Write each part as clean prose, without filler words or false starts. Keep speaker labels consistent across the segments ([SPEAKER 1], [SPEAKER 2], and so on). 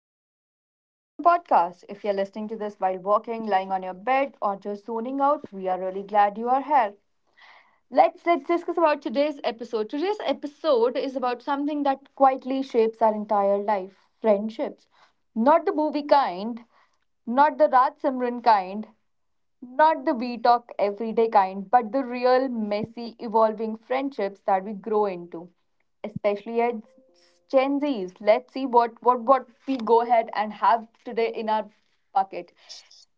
[SPEAKER 1] Everyone, welcome back to the podcast. If you're listening to this while walking, lying on your bed, or just zoning out, we are really glad you are here. Let's discuss about today's episode. Today's episode is about something that quietly shapes our entire life, friendships. Not the movie kind, not the Raj Simran kind, not the we talk everyday kind, but the real, messy, evolving friendships that we grow into, especially as Gen Zs. Let's see what we go ahead and have today in our bucket.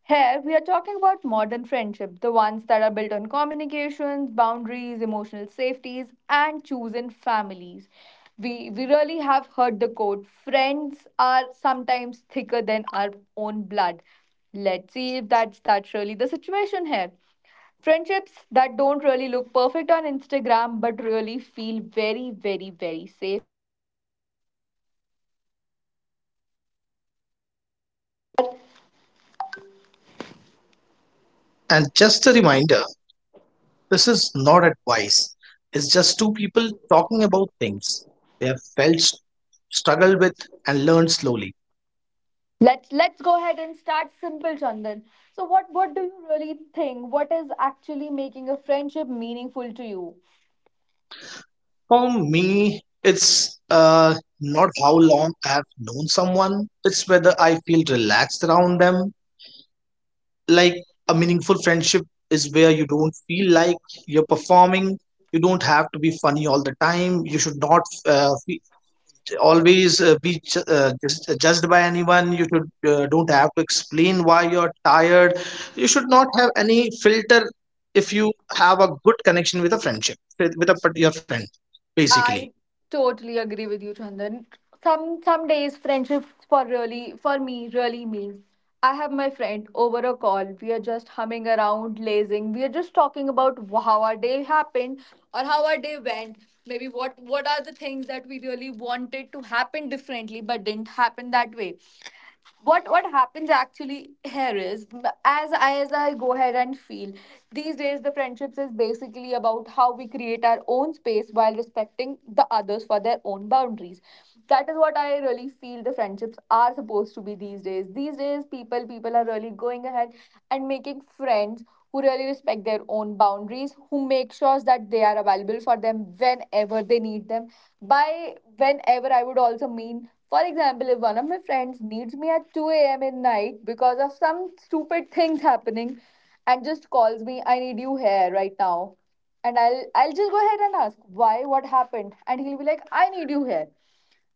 [SPEAKER 1] Here, we are talking about modern friendship, the ones that are built on communications, boundaries, emotional safeties, and chosen families. We really have heard the quote friends are sometimes thicker than our own blood. Let's see if that's really the situation here. Friendships that don't really look perfect on Instagram but really feel very, very, very safe.
[SPEAKER 2] And just a reminder, this is not advice, it's just two people talking about things they have felt, struggled with, and learned slowly.
[SPEAKER 1] Let's go ahead and start simple, Chandan. So what do you really think? What is actually making a friendship meaningful to you?
[SPEAKER 2] For me, it's not how long I have known someone, it's whether I feel relaxed around them. Like a meaningful friendship is where you don't feel like you're performing, you don't have to be funny all the time, you should not fe- always be ju- just judged by anyone, you should don't have to explain why you're tired, you should not have any filter if you have a good connection, with a friendship with your friend, basically.
[SPEAKER 1] I totally agree with you, Chandan. Some days friendship for really for me really means I have my friend over a call. We are just humming around, lazing. We are just talking about how our day happened or how our day went. Maybe what are the things that we really wanted to happen differently but didn't happen that way. What happens actually here is as I go ahead and feel these days the friendships is basically about how we create our own space while respecting the others for their own boundaries. That is what I really feel the friendships are supposed to be these days. These days people are really going ahead and making friends who really respect their own boundaries, who make sure that they are available for them whenever they need them. By whenever I would also mean, for example, if one of my friends needs me at 2 a.m. in night because of some stupid things happening and just calls me, I need you here right now. And I'll just go ahead and ask why, what happened? And he'll be like, I need you here.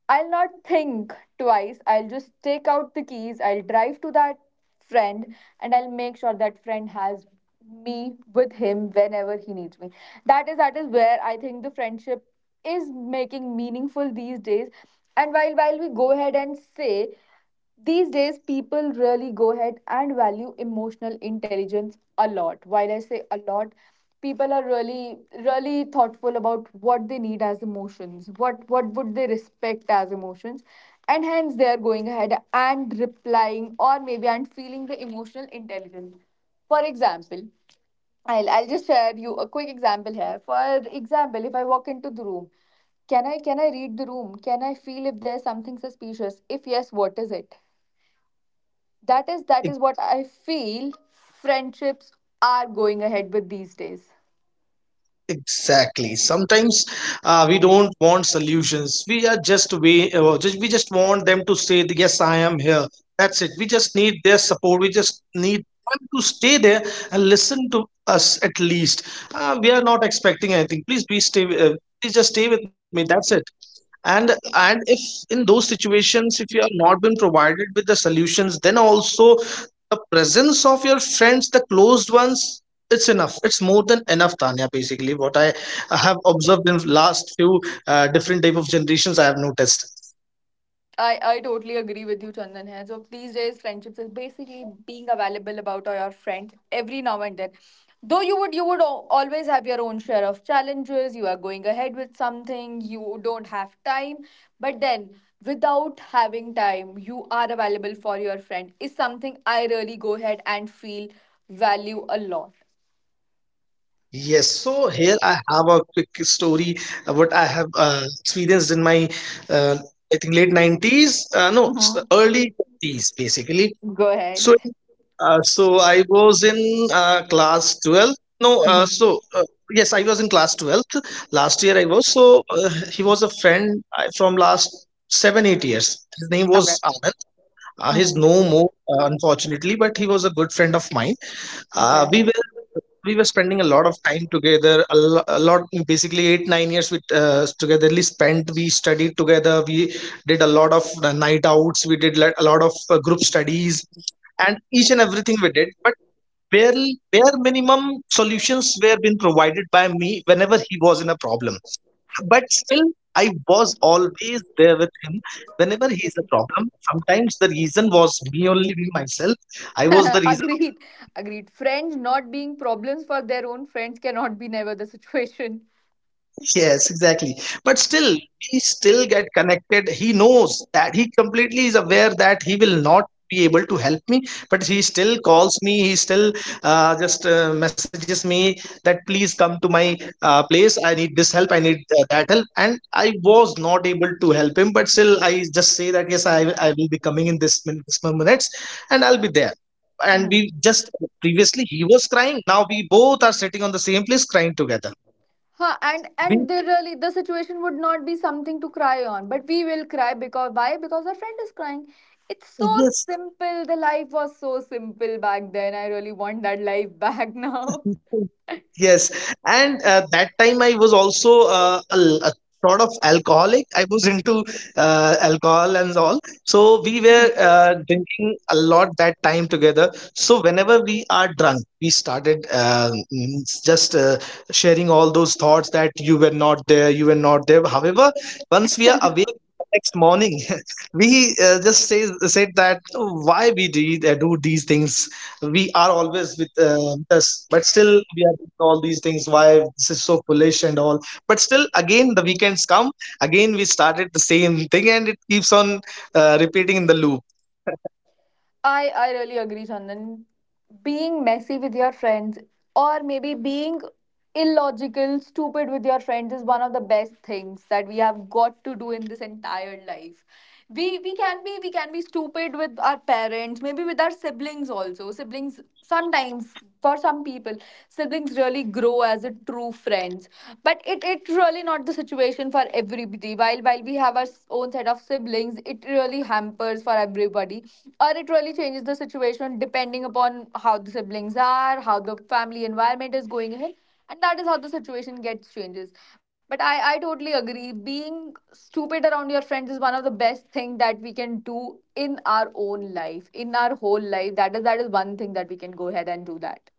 [SPEAKER 1] I'll not think twice. I'll just take out the keys. I'll drive to that friend and I'll make sure that friend has me with him whenever he needs me. That is where I think the friendship is making meaningful these days. And while we go ahead and say these days, people really go ahead and value emotional intelligence a lot. While I say a lot, people are really, really thoughtful about what they need as emotions, what would they respect as emotions, and hence they are going ahead and replying or maybe and feeling the emotional intelligence. For example, I'll just share you a quick example here. For example, if I walk into the room, can I read the room? Can I feel if there's something suspicious? If yes, what is it? That is what I feel friendships are going ahead with these days.
[SPEAKER 2] Exactly. Sometimes we don't want solutions. We are just we just we just want them to say that, yes, I am here. That's it. We just need their support. We just need them to stay there and listen to us, at least. We are not expecting anything. Please be stay. Please just stay with me. That's it. And if in those situations if you have not been provided with the solutions, then also the presence of your friends, the closed ones, it's enough, it's more than enough. Tanya, basically what I have observed in last few, different type of generations I have noticed.
[SPEAKER 1] I totally agree with you, Chandan. Hai. So these days, friendships is basically being available about your friends every now and then. Though always have your own share of challenges. You are going ahead with something. You don't have time, but then without having time, you are available for your friend. Is something I really go ahead and feel value a lot.
[SPEAKER 2] Yes, so here I have a quick story, what I have experienced in my, uh, I think, late 90s, no,
[SPEAKER 1] Mhm.
[SPEAKER 2] early 20s basically.
[SPEAKER 1] Go ahead.
[SPEAKER 2] So, so I was in class 12th. No,
[SPEAKER 1] Mhm.
[SPEAKER 2] yes, I was in class 12th. Last year I was. So he was a friend from last 7, 8 years. His name was Anand. He's
[SPEAKER 1] Mhm.
[SPEAKER 2] no more, unfortunately, but he was a good friend of mine. Uh,
[SPEAKER 1] Okay.
[SPEAKER 2] we were we were spending a lot of time together. A lot, basically 8-9 years we togetherly spent. We studied together. We did a lot of night outs. We did like a lot of group studies, and each and everything we did. But barely, bare minimum solutions were being provided by me whenever he was in a problem. But still, I was always there with him whenever he is a problem. Sometimes the reason was me, only me myself. I was the reason of.
[SPEAKER 1] Agreed. Agreed. Friends not being problems for their own friends cannot be never the situation.
[SPEAKER 2] Yes, exactly. But still, we still get connected. He knows that, he completely is aware that he will not be able to help me, but he still calls me. He still just messages me that please come to my place. I need this help. I need that help. And I was not able to help him, but still, I just say that yes, I will be coming in this many minutes, and I'll be there. And
[SPEAKER 1] Mhm.
[SPEAKER 2] we just previously he was crying. Now we both are sitting on the same place crying together.
[SPEAKER 1] Huh, and
[SPEAKER 2] We.
[SPEAKER 1] they really the situation would not be something to cry on, but we will cry because why? Because our friend is crying. It's so
[SPEAKER 2] Yes.
[SPEAKER 1] simple. The life was so simple back then. I really want that life back now.
[SPEAKER 2] Yes, and that time I was also a sort of alcoholic. I was into alcohol and all. So we were
[SPEAKER 1] Mhm.
[SPEAKER 2] drinking a lot that time together. So whenever we are drunk, we started just sharing all those thoughts, that you were not there, you were not there. However, once we are awake the next morning, we just say said that, "Oh, why we did do these things? We are always with us, but still we are doing all these things. Why this is so foolish and all?" But still, again the weekends come, again we started the same thing, and it keeps on repeating in the loop.
[SPEAKER 1] I really agree, Chandan. Being messy with your friends, or maybe being illogical, stupid with your friends, is one of the best things that we have got to do in this entire life. We can be stupid with our parents, maybe with our siblings also. Siblings sometimes, for some people, siblings really grow as a true friends, but it really not the situation for everybody. While we have our own set of siblings, it really hampers for everybody, or it really changes the situation depending upon how the siblings are, how the family environment is going ahead, and that is how the situation gets changes. But I totally agree, being stupid around your friends is one of the best thing that we can do in our own life, in our whole life. That is one thing that we can go ahead and do that.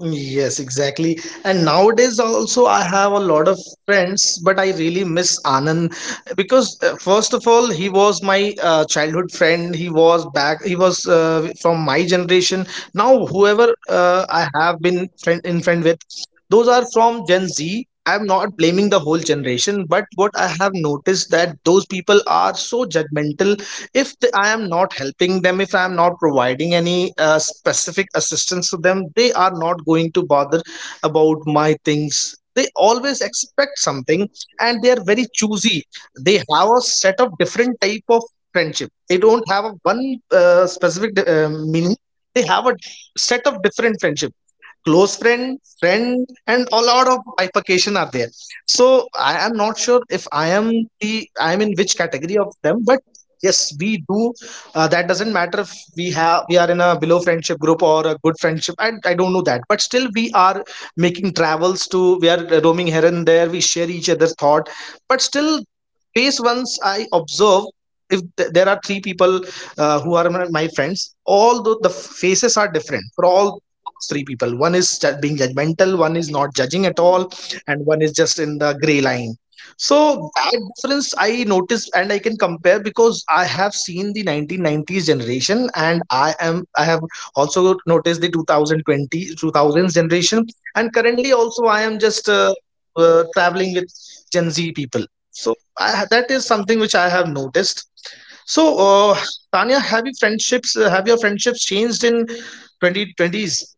[SPEAKER 2] Yes, exactly. And nowadays also I have a lot of friends, but I really miss Anand because first of all, he was my childhood friend. He was back. He was from my generation. Now whoever I have been friend with, those are from Gen Z. I'm not blaming the whole generation, but what I have noticed, that those people are so judgmental. If I am not helping them, if I am not providing any specific assistance to them, they are not going to bother about my things. They always expect something, and they are very choosy. They have a set of different type of friendship. They don't have a one specific meaning. They have a set of different friendship: close friend, friend, and a lot of bifurcation are there. So I am not sure if I am in which category of them, but yes, we do. That doesn't matter if we are in a below friendship group or a good friendship. I don't know that, but still we are making travels, to we are roaming here and there. We share each other's thought, but still, face once I observe. If there are three people who are my friends, although the faces are different for all three people: one is being judgmental, one is not judging at
[SPEAKER 1] Mhm.
[SPEAKER 2] all, and one is just in the gray line. So that difference I noticed, and I can compare because I have seen the 1990s generation, and I have also noticed the 2020, 2000s generation. And currently also I am just traveling with Gen Z people. So that is something which I have noticed. So, uh, Tanya, have your friendships changed in 2020s?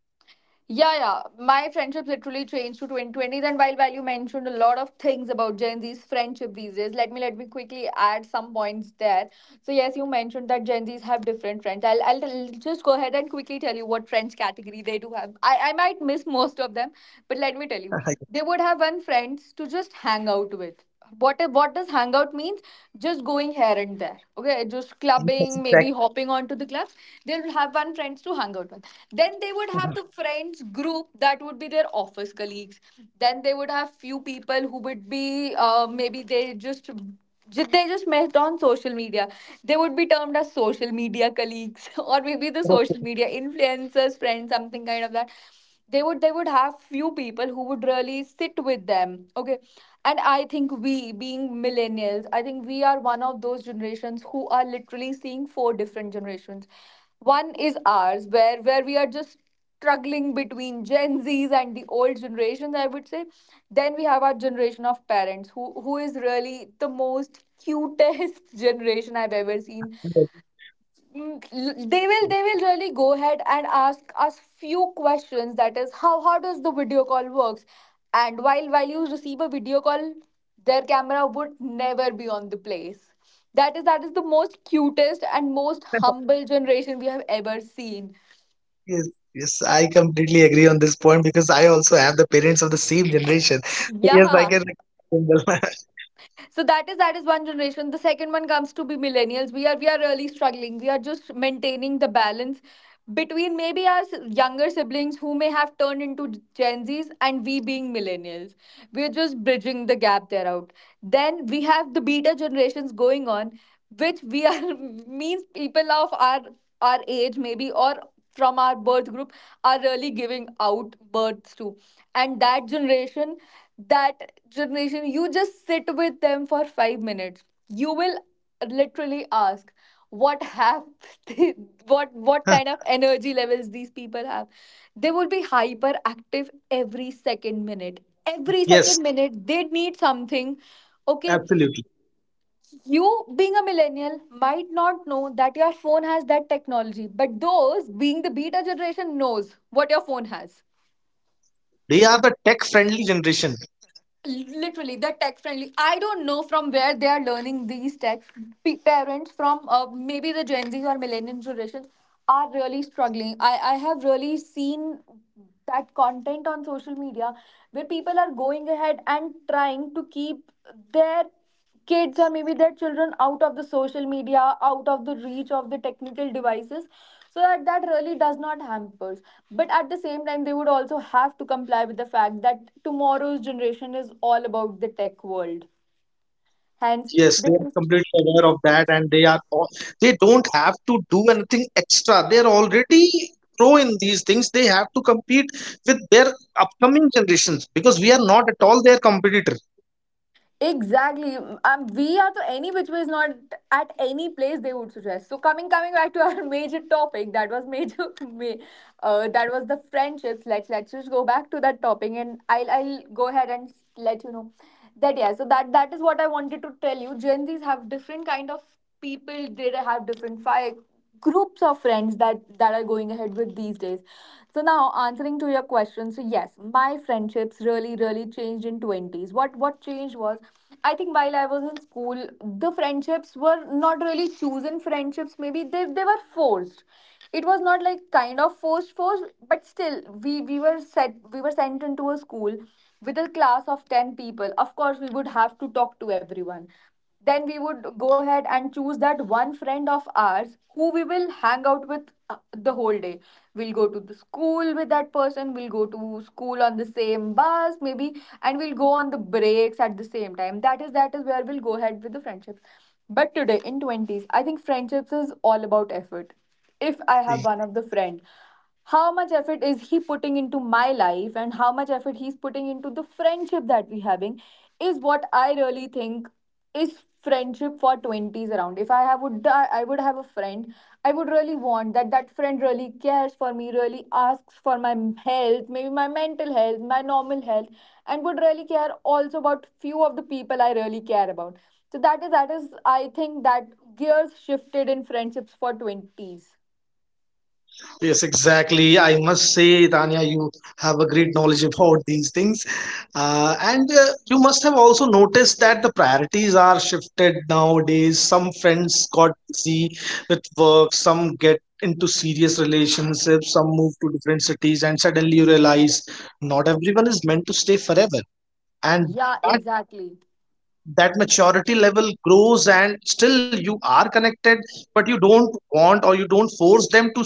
[SPEAKER 1] Yeah, yeah, my friendships literally changed to 2020s. And while value mentioned a lot of things about gen z's friendship these days, let me quickly add some points there. So yes, you mentioned that Gen Zs have different trends. Just go ahead and quickly tell you what trends category they do have. I might miss most of them, but let me tell you. They would have one friends to just hang out with. What does hangout means? Just going here and there. Okay, just clubbing, maybe hopping onto the clubs. They'll have one friends to hang out with. Then they would have the friends group that would be their office colleagues. Then they would have few people who would be maybe they just they just met on social media. They would be termed as social media colleagues or maybe the social media influencers, friends, something kind of that. They would have few people who would really sit with them. Okay. And I think we being millennials, I think we are one of those generations who are literally seeing four different generations. One is ours, where we are just struggling between Gen Zs and the old generations, I would say. Then we have our generation of parents, who is really the most cutest generation I've ever seen.
[SPEAKER 2] Yes,
[SPEAKER 1] Mm, they will really go ahead and ask us few questions. That is, how does the video call works? And while you receive a video call, their camera would never be on the place. That is the most cutest and most humble generation we have ever seen.
[SPEAKER 2] yes, yes, I completely agree on this point because I also have the parents of the same generation. So yes, I
[SPEAKER 1] Yeah.
[SPEAKER 2] can agree with Kungal.
[SPEAKER 1] So that is one generation. The second one comes to be millennials. We are really struggling. We are just maintaining the balance between maybe our younger siblings, who may have turned into gen z's, and we being millennials, we're just bridging the gap there out. Then we have the beta generations going on, which we are means people of our age, maybe, or from our birth group, are really giving out births to. And that generation, that generation, you just sit with them for 5 minutes, you will literally ask what have they, what kind of energy levels these people have. They will be hyperactive every second minute. Every
[SPEAKER 2] Yes,
[SPEAKER 1] second minute they need something. Okay,
[SPEAKER 2] absolutely.
[SPEAKER 1] you being a millennial might not know that your phone has that technology, but those being the beta generation knows what your phone has.
[SPEAKER 2] They are the tech-friendly generation.
[SPEAKER 1] Literally, they're tech friendly. I don't know from where they are learning these tech. Parents from maybe the gen z or millennial generations are really struggling. I have really seen that content on social media where people are going ahead and trying to keep their kids, or maybe their children, out of the social media, out of the reach of the technical devices, so that that really does not hampers. But at the same time they would also have to comply with the fact that tomorrow's generation is all about the tech world, hence
[SPEAKER 2] Yes,
[SPEAKER 1] this
[SPEAKER 2] they are
[SPEAKER 1] is.
[SPEAKER 2] completely aware of that, and they are all, they don't have to do anything extra. They are already pro in these things. They have to compete with their upcoming generations because we are not at all their competitor.
[SPEAKER 1] Exactly. We are to any which was not at any place they would suggest. So coming back to our major topic, that was major ma- that was the friendships. Let's just go back to that topic and I'll go ahead and let you know that yeah, so that that is what I wanted to tell you. Gen Zs have different kind of people, they have different fire groups of friends that are going ahead with these days. So now, answering to your question, so yes, my friendships really changed in 20s. What changed was, I think, while I was in school, the friendships were not really chosen friendships. Maybe they were forced. It was not like kind of forced, but still we were sent into a school with a class of 10 people. Of course, we would have to talk to everyone. Then we would go ahead and choose that one friend of ours who we will hang out with the whole day. We'll go to the school with that person, we'll go to school on the same bus maybe, and we'll go on the breaks at the same time. That is where we'll go ahead with the friendships. But today in 20s, I think friendships is all about effort. If I have one of the friend, how much effort is he putting into my life and how much effort he's putting into the friendship that we having is what I really think is friendship for 20s around. If I have would I would have a friend, I would really want that friend really cares for me, really asks for my health, maybe my mental health, my normal health, and would really care also about few of the people I really care about. So that is I think that gears shifted in friendships for 20s.
[SPEAKER 2] Yes, exactly. I must say, Tanya, you have a great knowledge about these things. And you must have also noticed that the priorities are shifted nowadays. Some friends got busy with work, some get into serious relationships, some move to different cities, and suddenly you realize not everyone is meant to stay forever. And
[SPEAKER 1] Yeah, exactly.
[SPEAKER 2] that maturity level grows, and still you are connected, but you don't want, or you don't force them to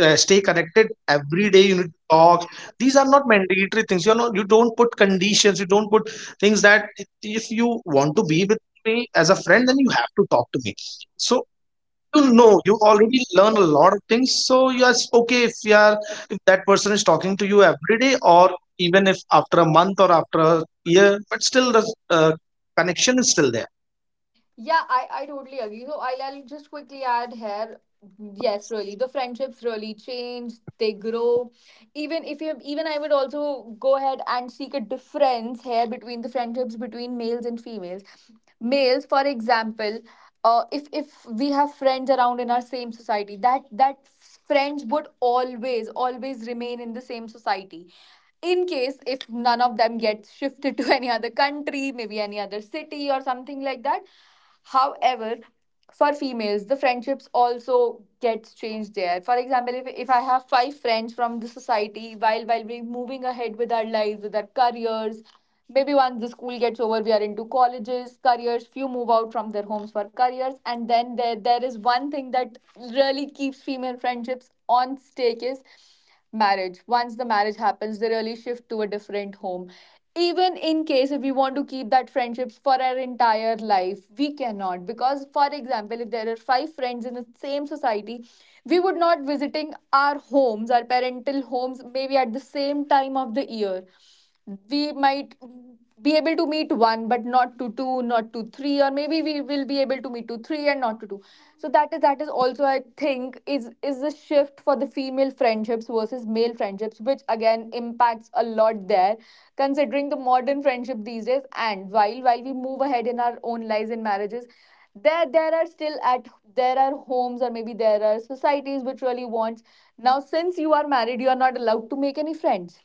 [SPEAKER 2] stay connected every day, you need to talk. These are not mandatory things, you don't put conditions, you don't put things that if you want to be with me as a friend, then you have to talk to me. So you know, you already learn a lot of things. So yes, okay, if you are if that person is talking to you every day, or even if after a month or after a year, but still the, uh, connection is still there.
[SPEAKER 1] Yeah, I totally agree. So I'll just quickly add here. Yes, really, the friendships really change. They grow. Even if you, even I would also go ahead and seek a difference here between the friendships between males and females. Males, for example, if we have friends around in our same society, that friends would always remain in the same society in case if none of them gets shifted to any other country, maybe any other city or something like that. However, for females, the friendships also gets changed there. For example, if I have five friends from the society, while we're moving ahead with our lives, with our careers, maybe once the school gets over, we are into colleges, careers, few move out from their homes for careers, and then there is one thing that really keeps female friendships on stake, is marriage. Once the marriage happens, they really shift to a different home. Even in case if we want to keep that friendships for our entire life, we cannot. Because for example, if there are five friends in the same society, we would not visiting our homes, our parental homes, maybe at the same time of the year, we might be able to meet one but not to two, not to three, or maybe we will be able to meet to three and not to two. So that is also, I think, is a shift for the female friendships versus male friendships, which again impacts a lot there, considering the modern friendship these days. And while we move ahead in our own lives and marriages, there there are still at there are homes or maybe there are societies which really wants, now since you are married, you are not allowed to make any friends.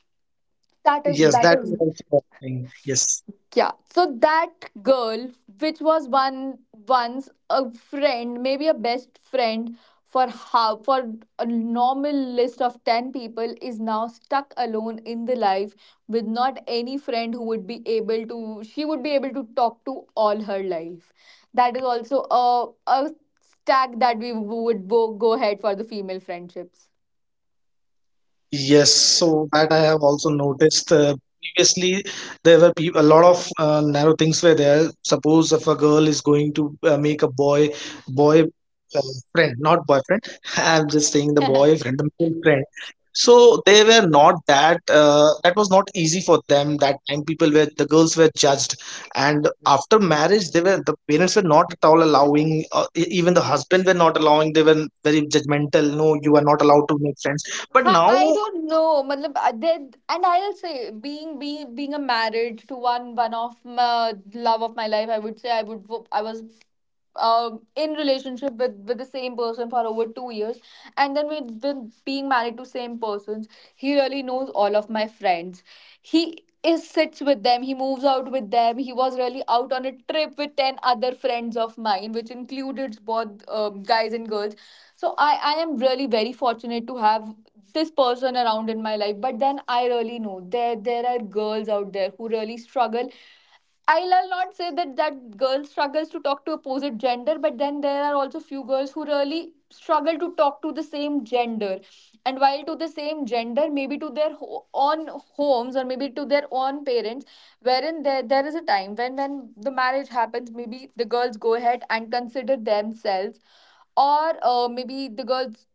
[SPEAKER 1] that is
[SPEAKER 2] Yes,
[SPEAKER 1] that
[SPEAKER 2] that is
[SPEAKER 1] is
[SPEAKER 2] also one thing. Yes.
[SPEAKER 1] Yeah, so that girl, which was one once a friend, maybe a best friend for how for a normal list of 10 people, is now stuck alone in the life with not any friend who would be able to she would be able to talk to all her life. That is also a stack that we would go ahead for the female friendships.
[SPEAKER 2] Yes, so that I have also noticed. Previously, there were peop a lot of narrow things were there. Suppose if a girl is going to make a boy uh, friend, not boyfriend. I'm just saying the boy friend, the male friend. So they were not that. That was not easy for them. That time, people were the girls were judged, and after marriage, the parents were not at all allowing. Even the husband were not allowing. They were very judgmental. No, you are not allowed to make friends. But now.
[SPEAKER 1] I don't know. Matlab, and I'll say being a married to one of my love of my life, I would say I was in relationship with the same person for over 2 years, and then with been being married to same persons, he really knows all of my friends. He is sits with them. He moves out with them. He was really out on a trip with ten other friends of mine, which included both guys and girls. So I am really very fortunate to have this person around in my life. But then I really know there are girls out there who really struggle. I'll not say that girl struggles to talk to opposite gender, but then there are also few girls who really struggle to talk to the same gender. And while to the same gender, maybe to their own homes or maybe to their own parents, wherein there is a time when the marriage happens, maybe the girls go ahead and consider themselves, or maybe the girls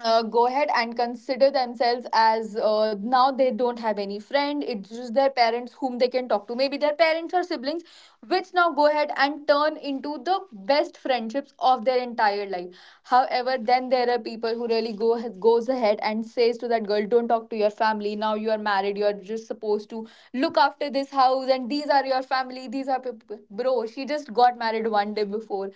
[SPEAKER 1] go ahead and consider themselves as now they don't have any friend. It's just their parents whom they can talk to, maybe their parents or siblings, which now go ahead and turn into the best friendships of their entire life. However, then there are people who really go goes ahead and says to that girl, don't talk to your family, now you are married, you are just supposed to look after this house and these are your family, these are people. Bro, she just got married one day before,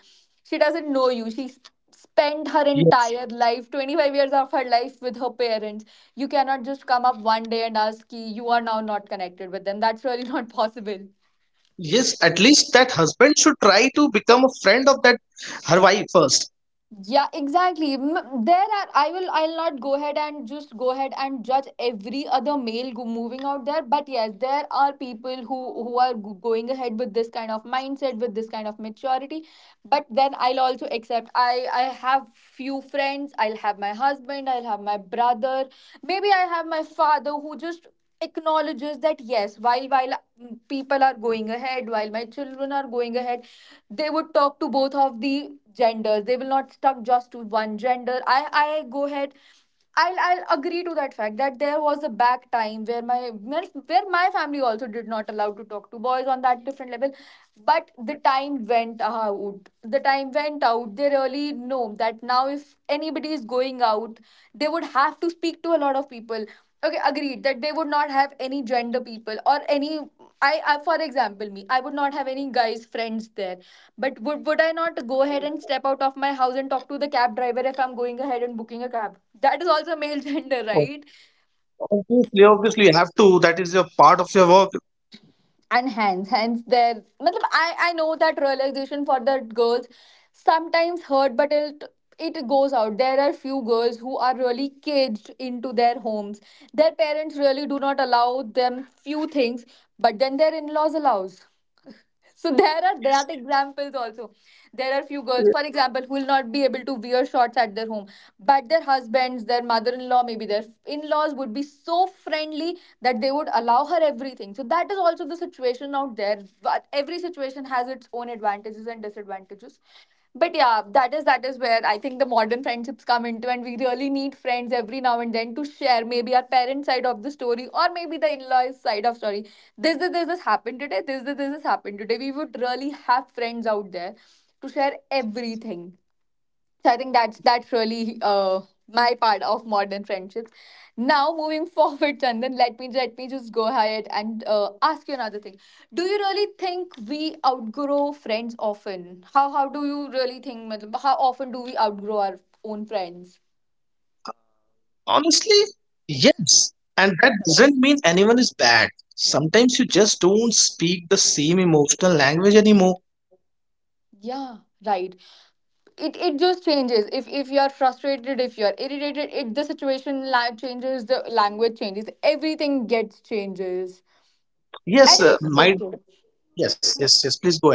[SPEAKER 1] she doesn't know you. Spent her
[SPEAKER 2] Yes.
[SPEAKER 1] entire life 25 years of her life with her parents. You cannot just come up one day and ask ki, you are now not connected with them. That's really not possible.
[SPEAKER 2] Yes, at least that husband should try to become a friend of that her wife first.
[SPEAKER 1] Yeah, exactly. There are. I will. I'll not go ahead and just go ahead and judge every other male moving out there. But yes, there are people who are going ahead with this kind of mindset, with this kind of maturity. But then I'll also accept. I have few friends. I'll have my husband. I'll have my brother. Maybe I have my father who just acknowledges that yes, while people are going ahead, while my children are going ahead, they would talk to both of the genders. They will not stuck just to one gender. I go ahead. I'll agree to that fact that there was a back time where my family also did not allow to talk to boys on that different level, but the time went out. The time went out. They really know that now, if anybody is going out, they would have to speak to a lot of people. Okay, agreed that they would not have any gender people or any. I for example, me, I would not have any guys friends there. But would I not go ahead and step out of my house and talk to the cab driver if I'm going ahead and booking a cab? That is also male gender,
[SPEAKER 2] Oh.
[SPEAKER 1] right?
[SPEAKER 2] Obviously, you have to. That is your part of your work.
[SPEAKER 1] And hence their matlab, I know that realization for the girls sometimes hurt, but it goes out. There are few girls who are really caged into their homes. Their parents really do not allow them few things, but then their in-laws allows. So there are that examples also. There are few girls, for
[SPEAKER 2] Yes.
[SPEAKER 1] example, who will not be able to wear shorts at their home, but their husbands, their mother-in-law, maybe their in-laws, would be so friendly that they would allow her everything. So that is also the situation out there. But every situation has its own advantages and disadvantages. But yeah, that is where I think the modern friendships come into, and we really need friends every now and then to share, maybe our parent side of the story, or maybe the in-laws side of story. This happened today, this happened today, we would really have friends out there to share everything. So I think that's really my part of modern friendships. Now moving forward, Chandan, let me just go ahead and ask you another thing. Do you really think we outgrow friends often? How do you really think matlab, how often do we outgrow our own friends?
[SPEAKER 2] Honestly, yes. And that doesn't mean anyone is bad. Sometimes you just don't speak the same emotional language anymore.
[SPEAKER 1] Yeah, right. It just changes. If you're frustrated, if you're irritated, it, the situation changes, the language changes, everything gets changes.
[SPEAKER 2] Yes,
[SPEAKER 1] And it's
[SPEAKER 2] might.
[SPEAKER 1] okay.
[SPEAKER 2] Yes, yes, yes. Please go ahead.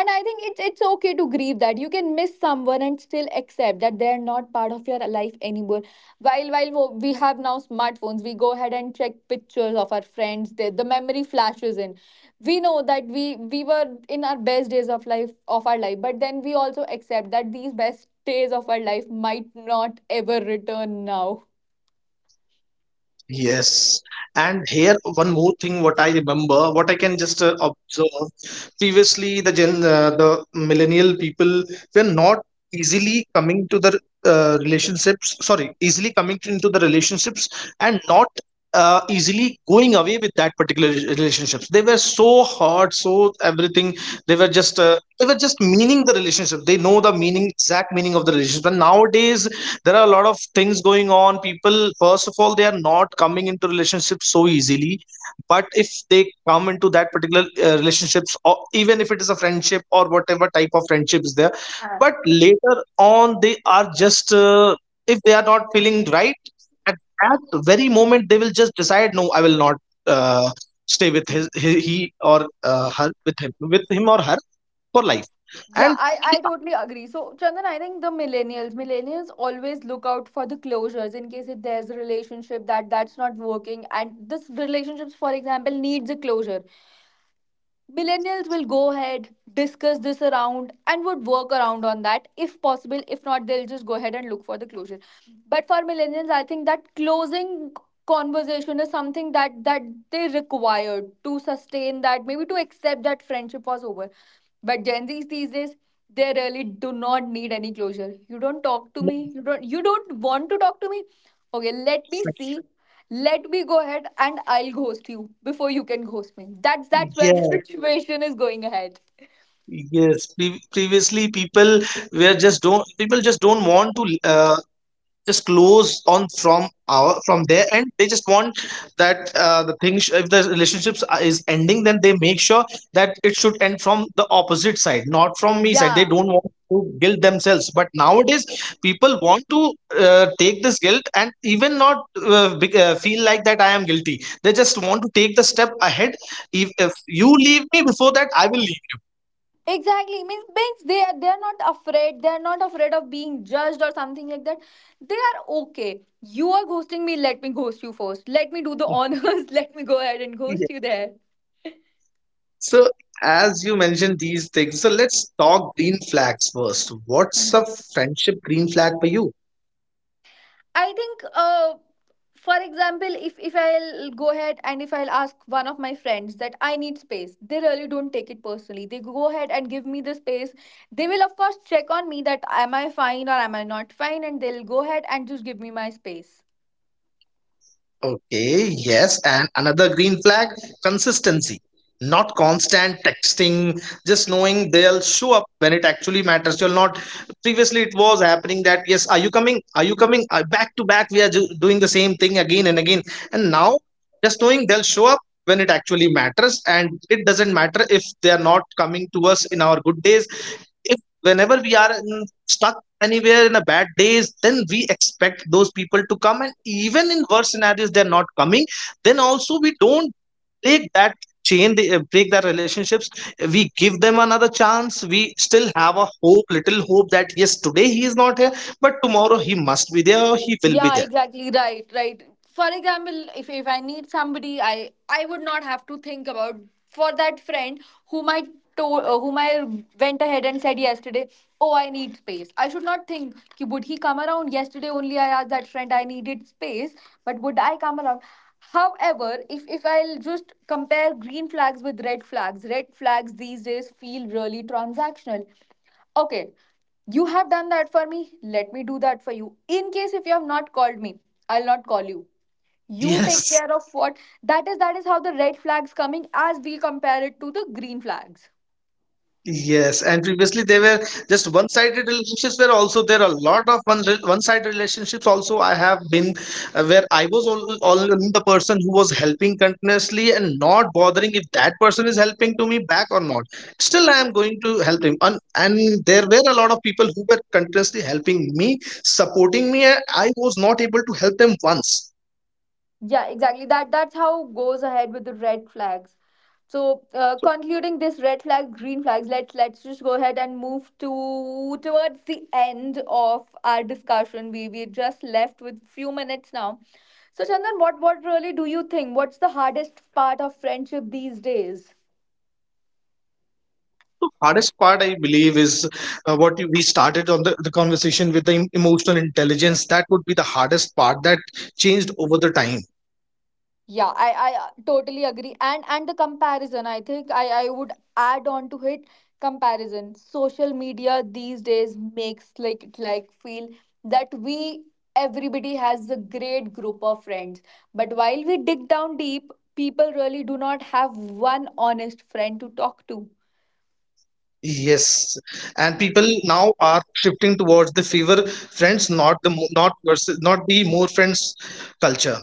[SPEAKER 1] And I think it's okay to grieve. That you can miss someone and still accept that they're not part of your life anymore. While we have now smartphones, we go ahead and check pictures of our friends, the memory flashes in. We know that we were in our best days of life of our life, but then we also accept that these best days of our life might not ever return now.
[SPEAKER 2] Yes, and here one more thing what I remember, what I can just observe. Previously, the millennial people were not easily coming to the relationships, sorry, easily coming into the relationships, and not easily going away with that particular relationships. They were so hard, so everything. They were just meaning the relationship. They know the meaning, exact meaning of the relationship. And nowadays, there are a lot of things going on. People, first of all, they are not coming into relationships so easily, but if they come into that particular relationships, or even if it is a friendship or whatever type of friendship is there, but later on, they are just if they are not feeling right at that very moment, they will just decide, no, I will not uh, stay with he or her, with him or her, for life.
[SPEAKER 1] Yeah,
[SPEAKER 2] And
[SPEAKER 1] I,
[SPEAKER 2] they
[SPEAKER 1] I
[SPEAKER 2] are
[SPEAKER 1] totally agree. So, Chandan, I think the millennials, millennials always look out for the closures in case if there's a relationship that's not working and this relationships, for example, needs a closure. Millennials will go ahead, discuss this around and would work around on that if possible. If not, they'll just go ahead and look for the closure. But for millennials, I think that closing conversation is something that they required to sustain, that maybe to accept that friendship was over. But Gen Z's these days, they really do not need any closure. You don't talk to
[SPEAKER 2] not
[SPEAKER 1] me, you don't want to talk to me. Okay, let me see, let me go ahead and I'll ghost you before you can ghost me. That's where
[SPEAKER 2] friends.
[SPEAKER 1] the situation is going ahead.
[SPEAKER 2] Yes, previously people were just don't people just don't want to just close on from our from there, and they just want that the thing sh if the relationships are- is ending, then they make sure that it should end from the opposite side, not from me side. They
[SPEAKER 1] Yeah,
[SPEAKER 2] don't want to guilt themselves. But nowadays, people want to take this guilt and even not be, feel like that I am guilty. They just want to take the step ahead. If you leave me before that, I will leave
[SPEAKER 1] exactly. Means they are not afraid. They are not afraid of being judged or something like that. They are okay. You are ghosting me. Let me ghost you first. Let me do the
[SPEAKER 2] you.
[SPEAKER 1] honors. Let me go ahead and ghost you there.
[SPEAKER 2] So, as you mentioned these things, so let's talk green flags first. What's a friendship green flag for you?
[SPEAKER 1] I think, for example, if I'll go ahead and if I'll ask one of my friends that I need space, they really don't take it personally. They go ahead and give me the space. They will of course check on me that am I fine or am I not fine, and they'll go ahead and just give me my space.
[SPEAKER 2] Okay, yes, and another green flag, consistency. Not constant texting, just knowing they'll show up when it actually matters. You'll not. Previously, it was happening that, yes, are you coming? Are you coming? Back to back, we are ju- doing the same thing again and again. And now, just knowing they'll show up when it actually matters, and it doesn't matter if they are not coming to us in our good days if whenever we are in, stuck anywhere in a bad days, then we expect those people to come, and even in worse scenarios they're not coming, then also we don't break that chain, they break that relationships. We give them another chance. We still have a hope, little hope that yes, today he is not here, but tomorrow he must be there or he will be
[SPEAKER 1] Yeah,
[SPEAKER 2] there.
[SPEAKER 1] exactly. Right, right. For example, if I need somebody, I would not have to think about for that friend whom I told, whom I went ahead and said yesterday, oh, I need space. I should not think ki, would he come around yesterday? Only I asked that friend I needed space, but would I come around? However, if I'll just compare green flags with red flags these days feel really transactional. Okay, you have done that for me. Let me do that for you. In case if you have not called me, I'll not call you. You take
[SPEAKER 2] Yes.
[SPEAKER 1] care of what that is how the red flags coming as we compare it to the green flags.
[SPEAKER 2] Yes, and previously they were just one-sided relationships were also there, a lot of one-sided relationships also I have been, where I was all the person who was helping continuously and not bothering if that person is helping to me back or not. Still, I am going to help him, and there were a lot of people who were continuously helping me, supporting me, and I was not able to help them once.
[SPEAKER 1] Yeah, exactly, that's how goes ahead with the red flags. So concluding this red flag green flags, let's just go ahead and move to towards the end of our discussion. We are just left with few minutes now. So Chandan, what really do you think, what's the hardest part of friendship these days?
[SPEAKER 2] The hardest part, I believe, is what we started on the conversation with the emotional intelligence. That would be the hardest part that changed over the time.
[SPEAKER 1] Yeah, I totally agree. And the comparison, I think I would add on to it, comparison. Social media these days makes like it like feel that we, everybody has a great group of friends. But while we dig down deep, people really do not have one honest friend to talk to.
[SPEAKER 2] Yes, and people now are shifting towards the favor friends, not the mo- not versus not the more friends culture.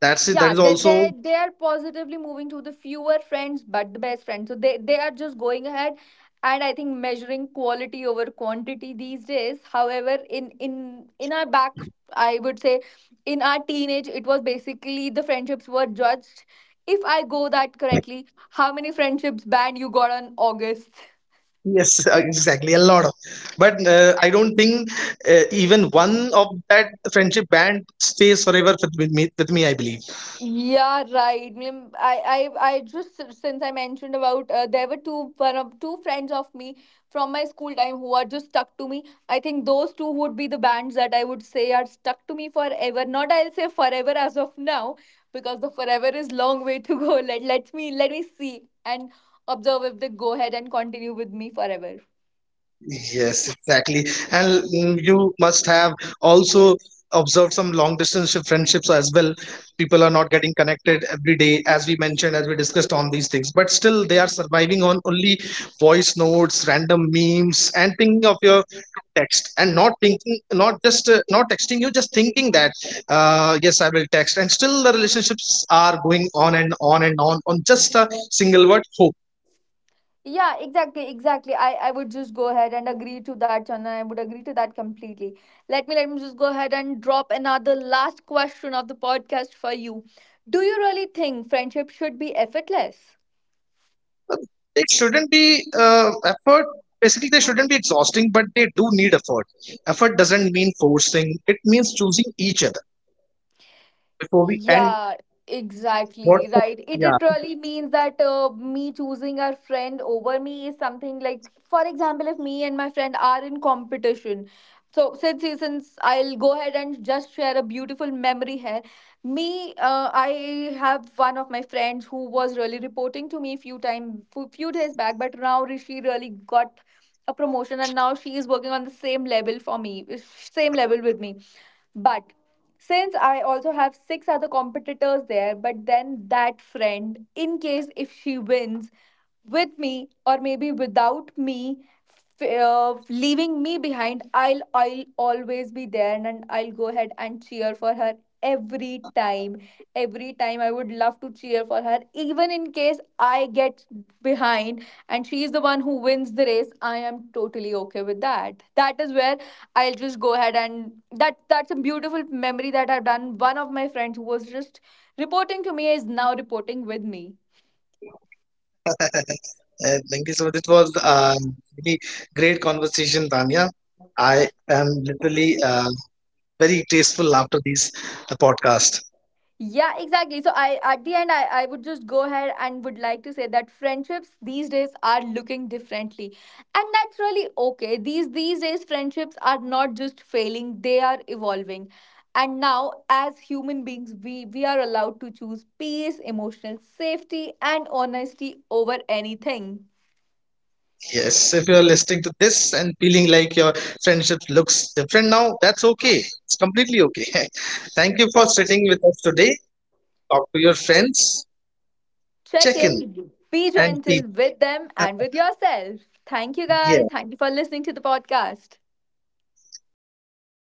[SPEAKER 2] That's it. That
[SPEAKER 1] Yeah,
[SPEAKER 2] is
[SPEAKER 1] they,
[SPEAKER 2] also
[SPEAKER 1] they they are positively moving to the fewer friends but the best friends. So they are just going ahead and I think measuring quality over quantity these days. However, in our back, I would say in our teenage, it was basically the friendships were judged, if I go that correctly, how many friendships ban you got on August.
[SPEAKER 2] yes, exactly a lot of. But I don't think even one of that friendship band stays forever with me. With me, I believe.
[SPEAKER 1] Yeah, right. I just, since I mentioned about there were two one of two friends of me from my school time who are just stuck to me. I think those two would be the bands that I would say are stuck to me forever. Not I'll say forever as of now, because the forever is long way to go. Let me see and observe if they go ahead and continue with me forever.
[SPEAKER 2] Yes, exactly. And mm, you must have also observed some long distance friendships as well. People are not getting connected every day, as we mentioned, as we discussed on these things, but still they are surviving on only voice notes, random memes, and thinking of your text and not thinking, not just not texting you, just thinking that, yes, I will text. And still the relationships are going on and on and on on just a single word, hope.
[SPEAKER 1] Yeah, exactly, exactly. I would just go ahead and agree to that, Chandan. I would agree to that completely. Let me just go ahead and drop another last question of the podcast for you. Do you really think friendship should be effortless?
[SPEAKER 2] They shouldn't be effort, basically they shouldn't be exhausting, but they do need effort. Effort doesn't mean forcing, it means choosing each other before we end.
[SPEAKER 1] Yeah,
[SPEAKER 2] What?
[SPEAKER 1] exactly. Right. It
[SPEAKER 2] Yeah.
[SPEAKER 1] literally means that me choosing a friend over me is something like, for example, if me and my friend are in competition. So since I'll go ahead and just share a beautiful memory here. Me, I have one of my friends who was really reporting to me few time few few days back, but now she really got a promotion and now she is working on the same level for me, same level with me. But since I also have six other competitors there, but then that friend, in case if she wins with me or maybe without me, leaving me behind, I'll always be there and I'll go ahead and cheer for her every time. Every time I would love to cheer for her, even in case I get behind and she's the one who wins the race. I am totally okay with that. That is where I'll just go ahead and that's a beautiful memory that I've done. One of my friends who was just reporting to me is now reporting with me.
[SPEAKER 2] Thank you so much, it was um really great conversation, Tanya. I am literally very graceful after this podcast.
[SPEAKER 1] Yeah, exactly. So I at the end, I would just go ahead and would like to say that friendships these days are looking differently. And that's really okay. These days friendships are not just failing, they are evolving. And now as human beings we are allowed to choose peace, emotional safety and honesty over anything.
[SPEAKER 2] Yes, if you're listening to this and feeling like your friendship looks different now, that's okay. It's completely okay. Thank you for
[SPEAKER 1] Yeah.
[SPEAKER 2] sitting with us today. Talk to your friends,
[SPEAKER 1] Check
[SPEAKER 2] check in,
[SPEAKER 1] in, be
[SPEAKER 2] and be
[SPEAKER 1] gentle with them and with yourself. Thank you
[SPEAKER 2] yeah.
[SPEAKER 1] guys. Thank you for listening to the podcast.
[SPEAKER 2] Thank you.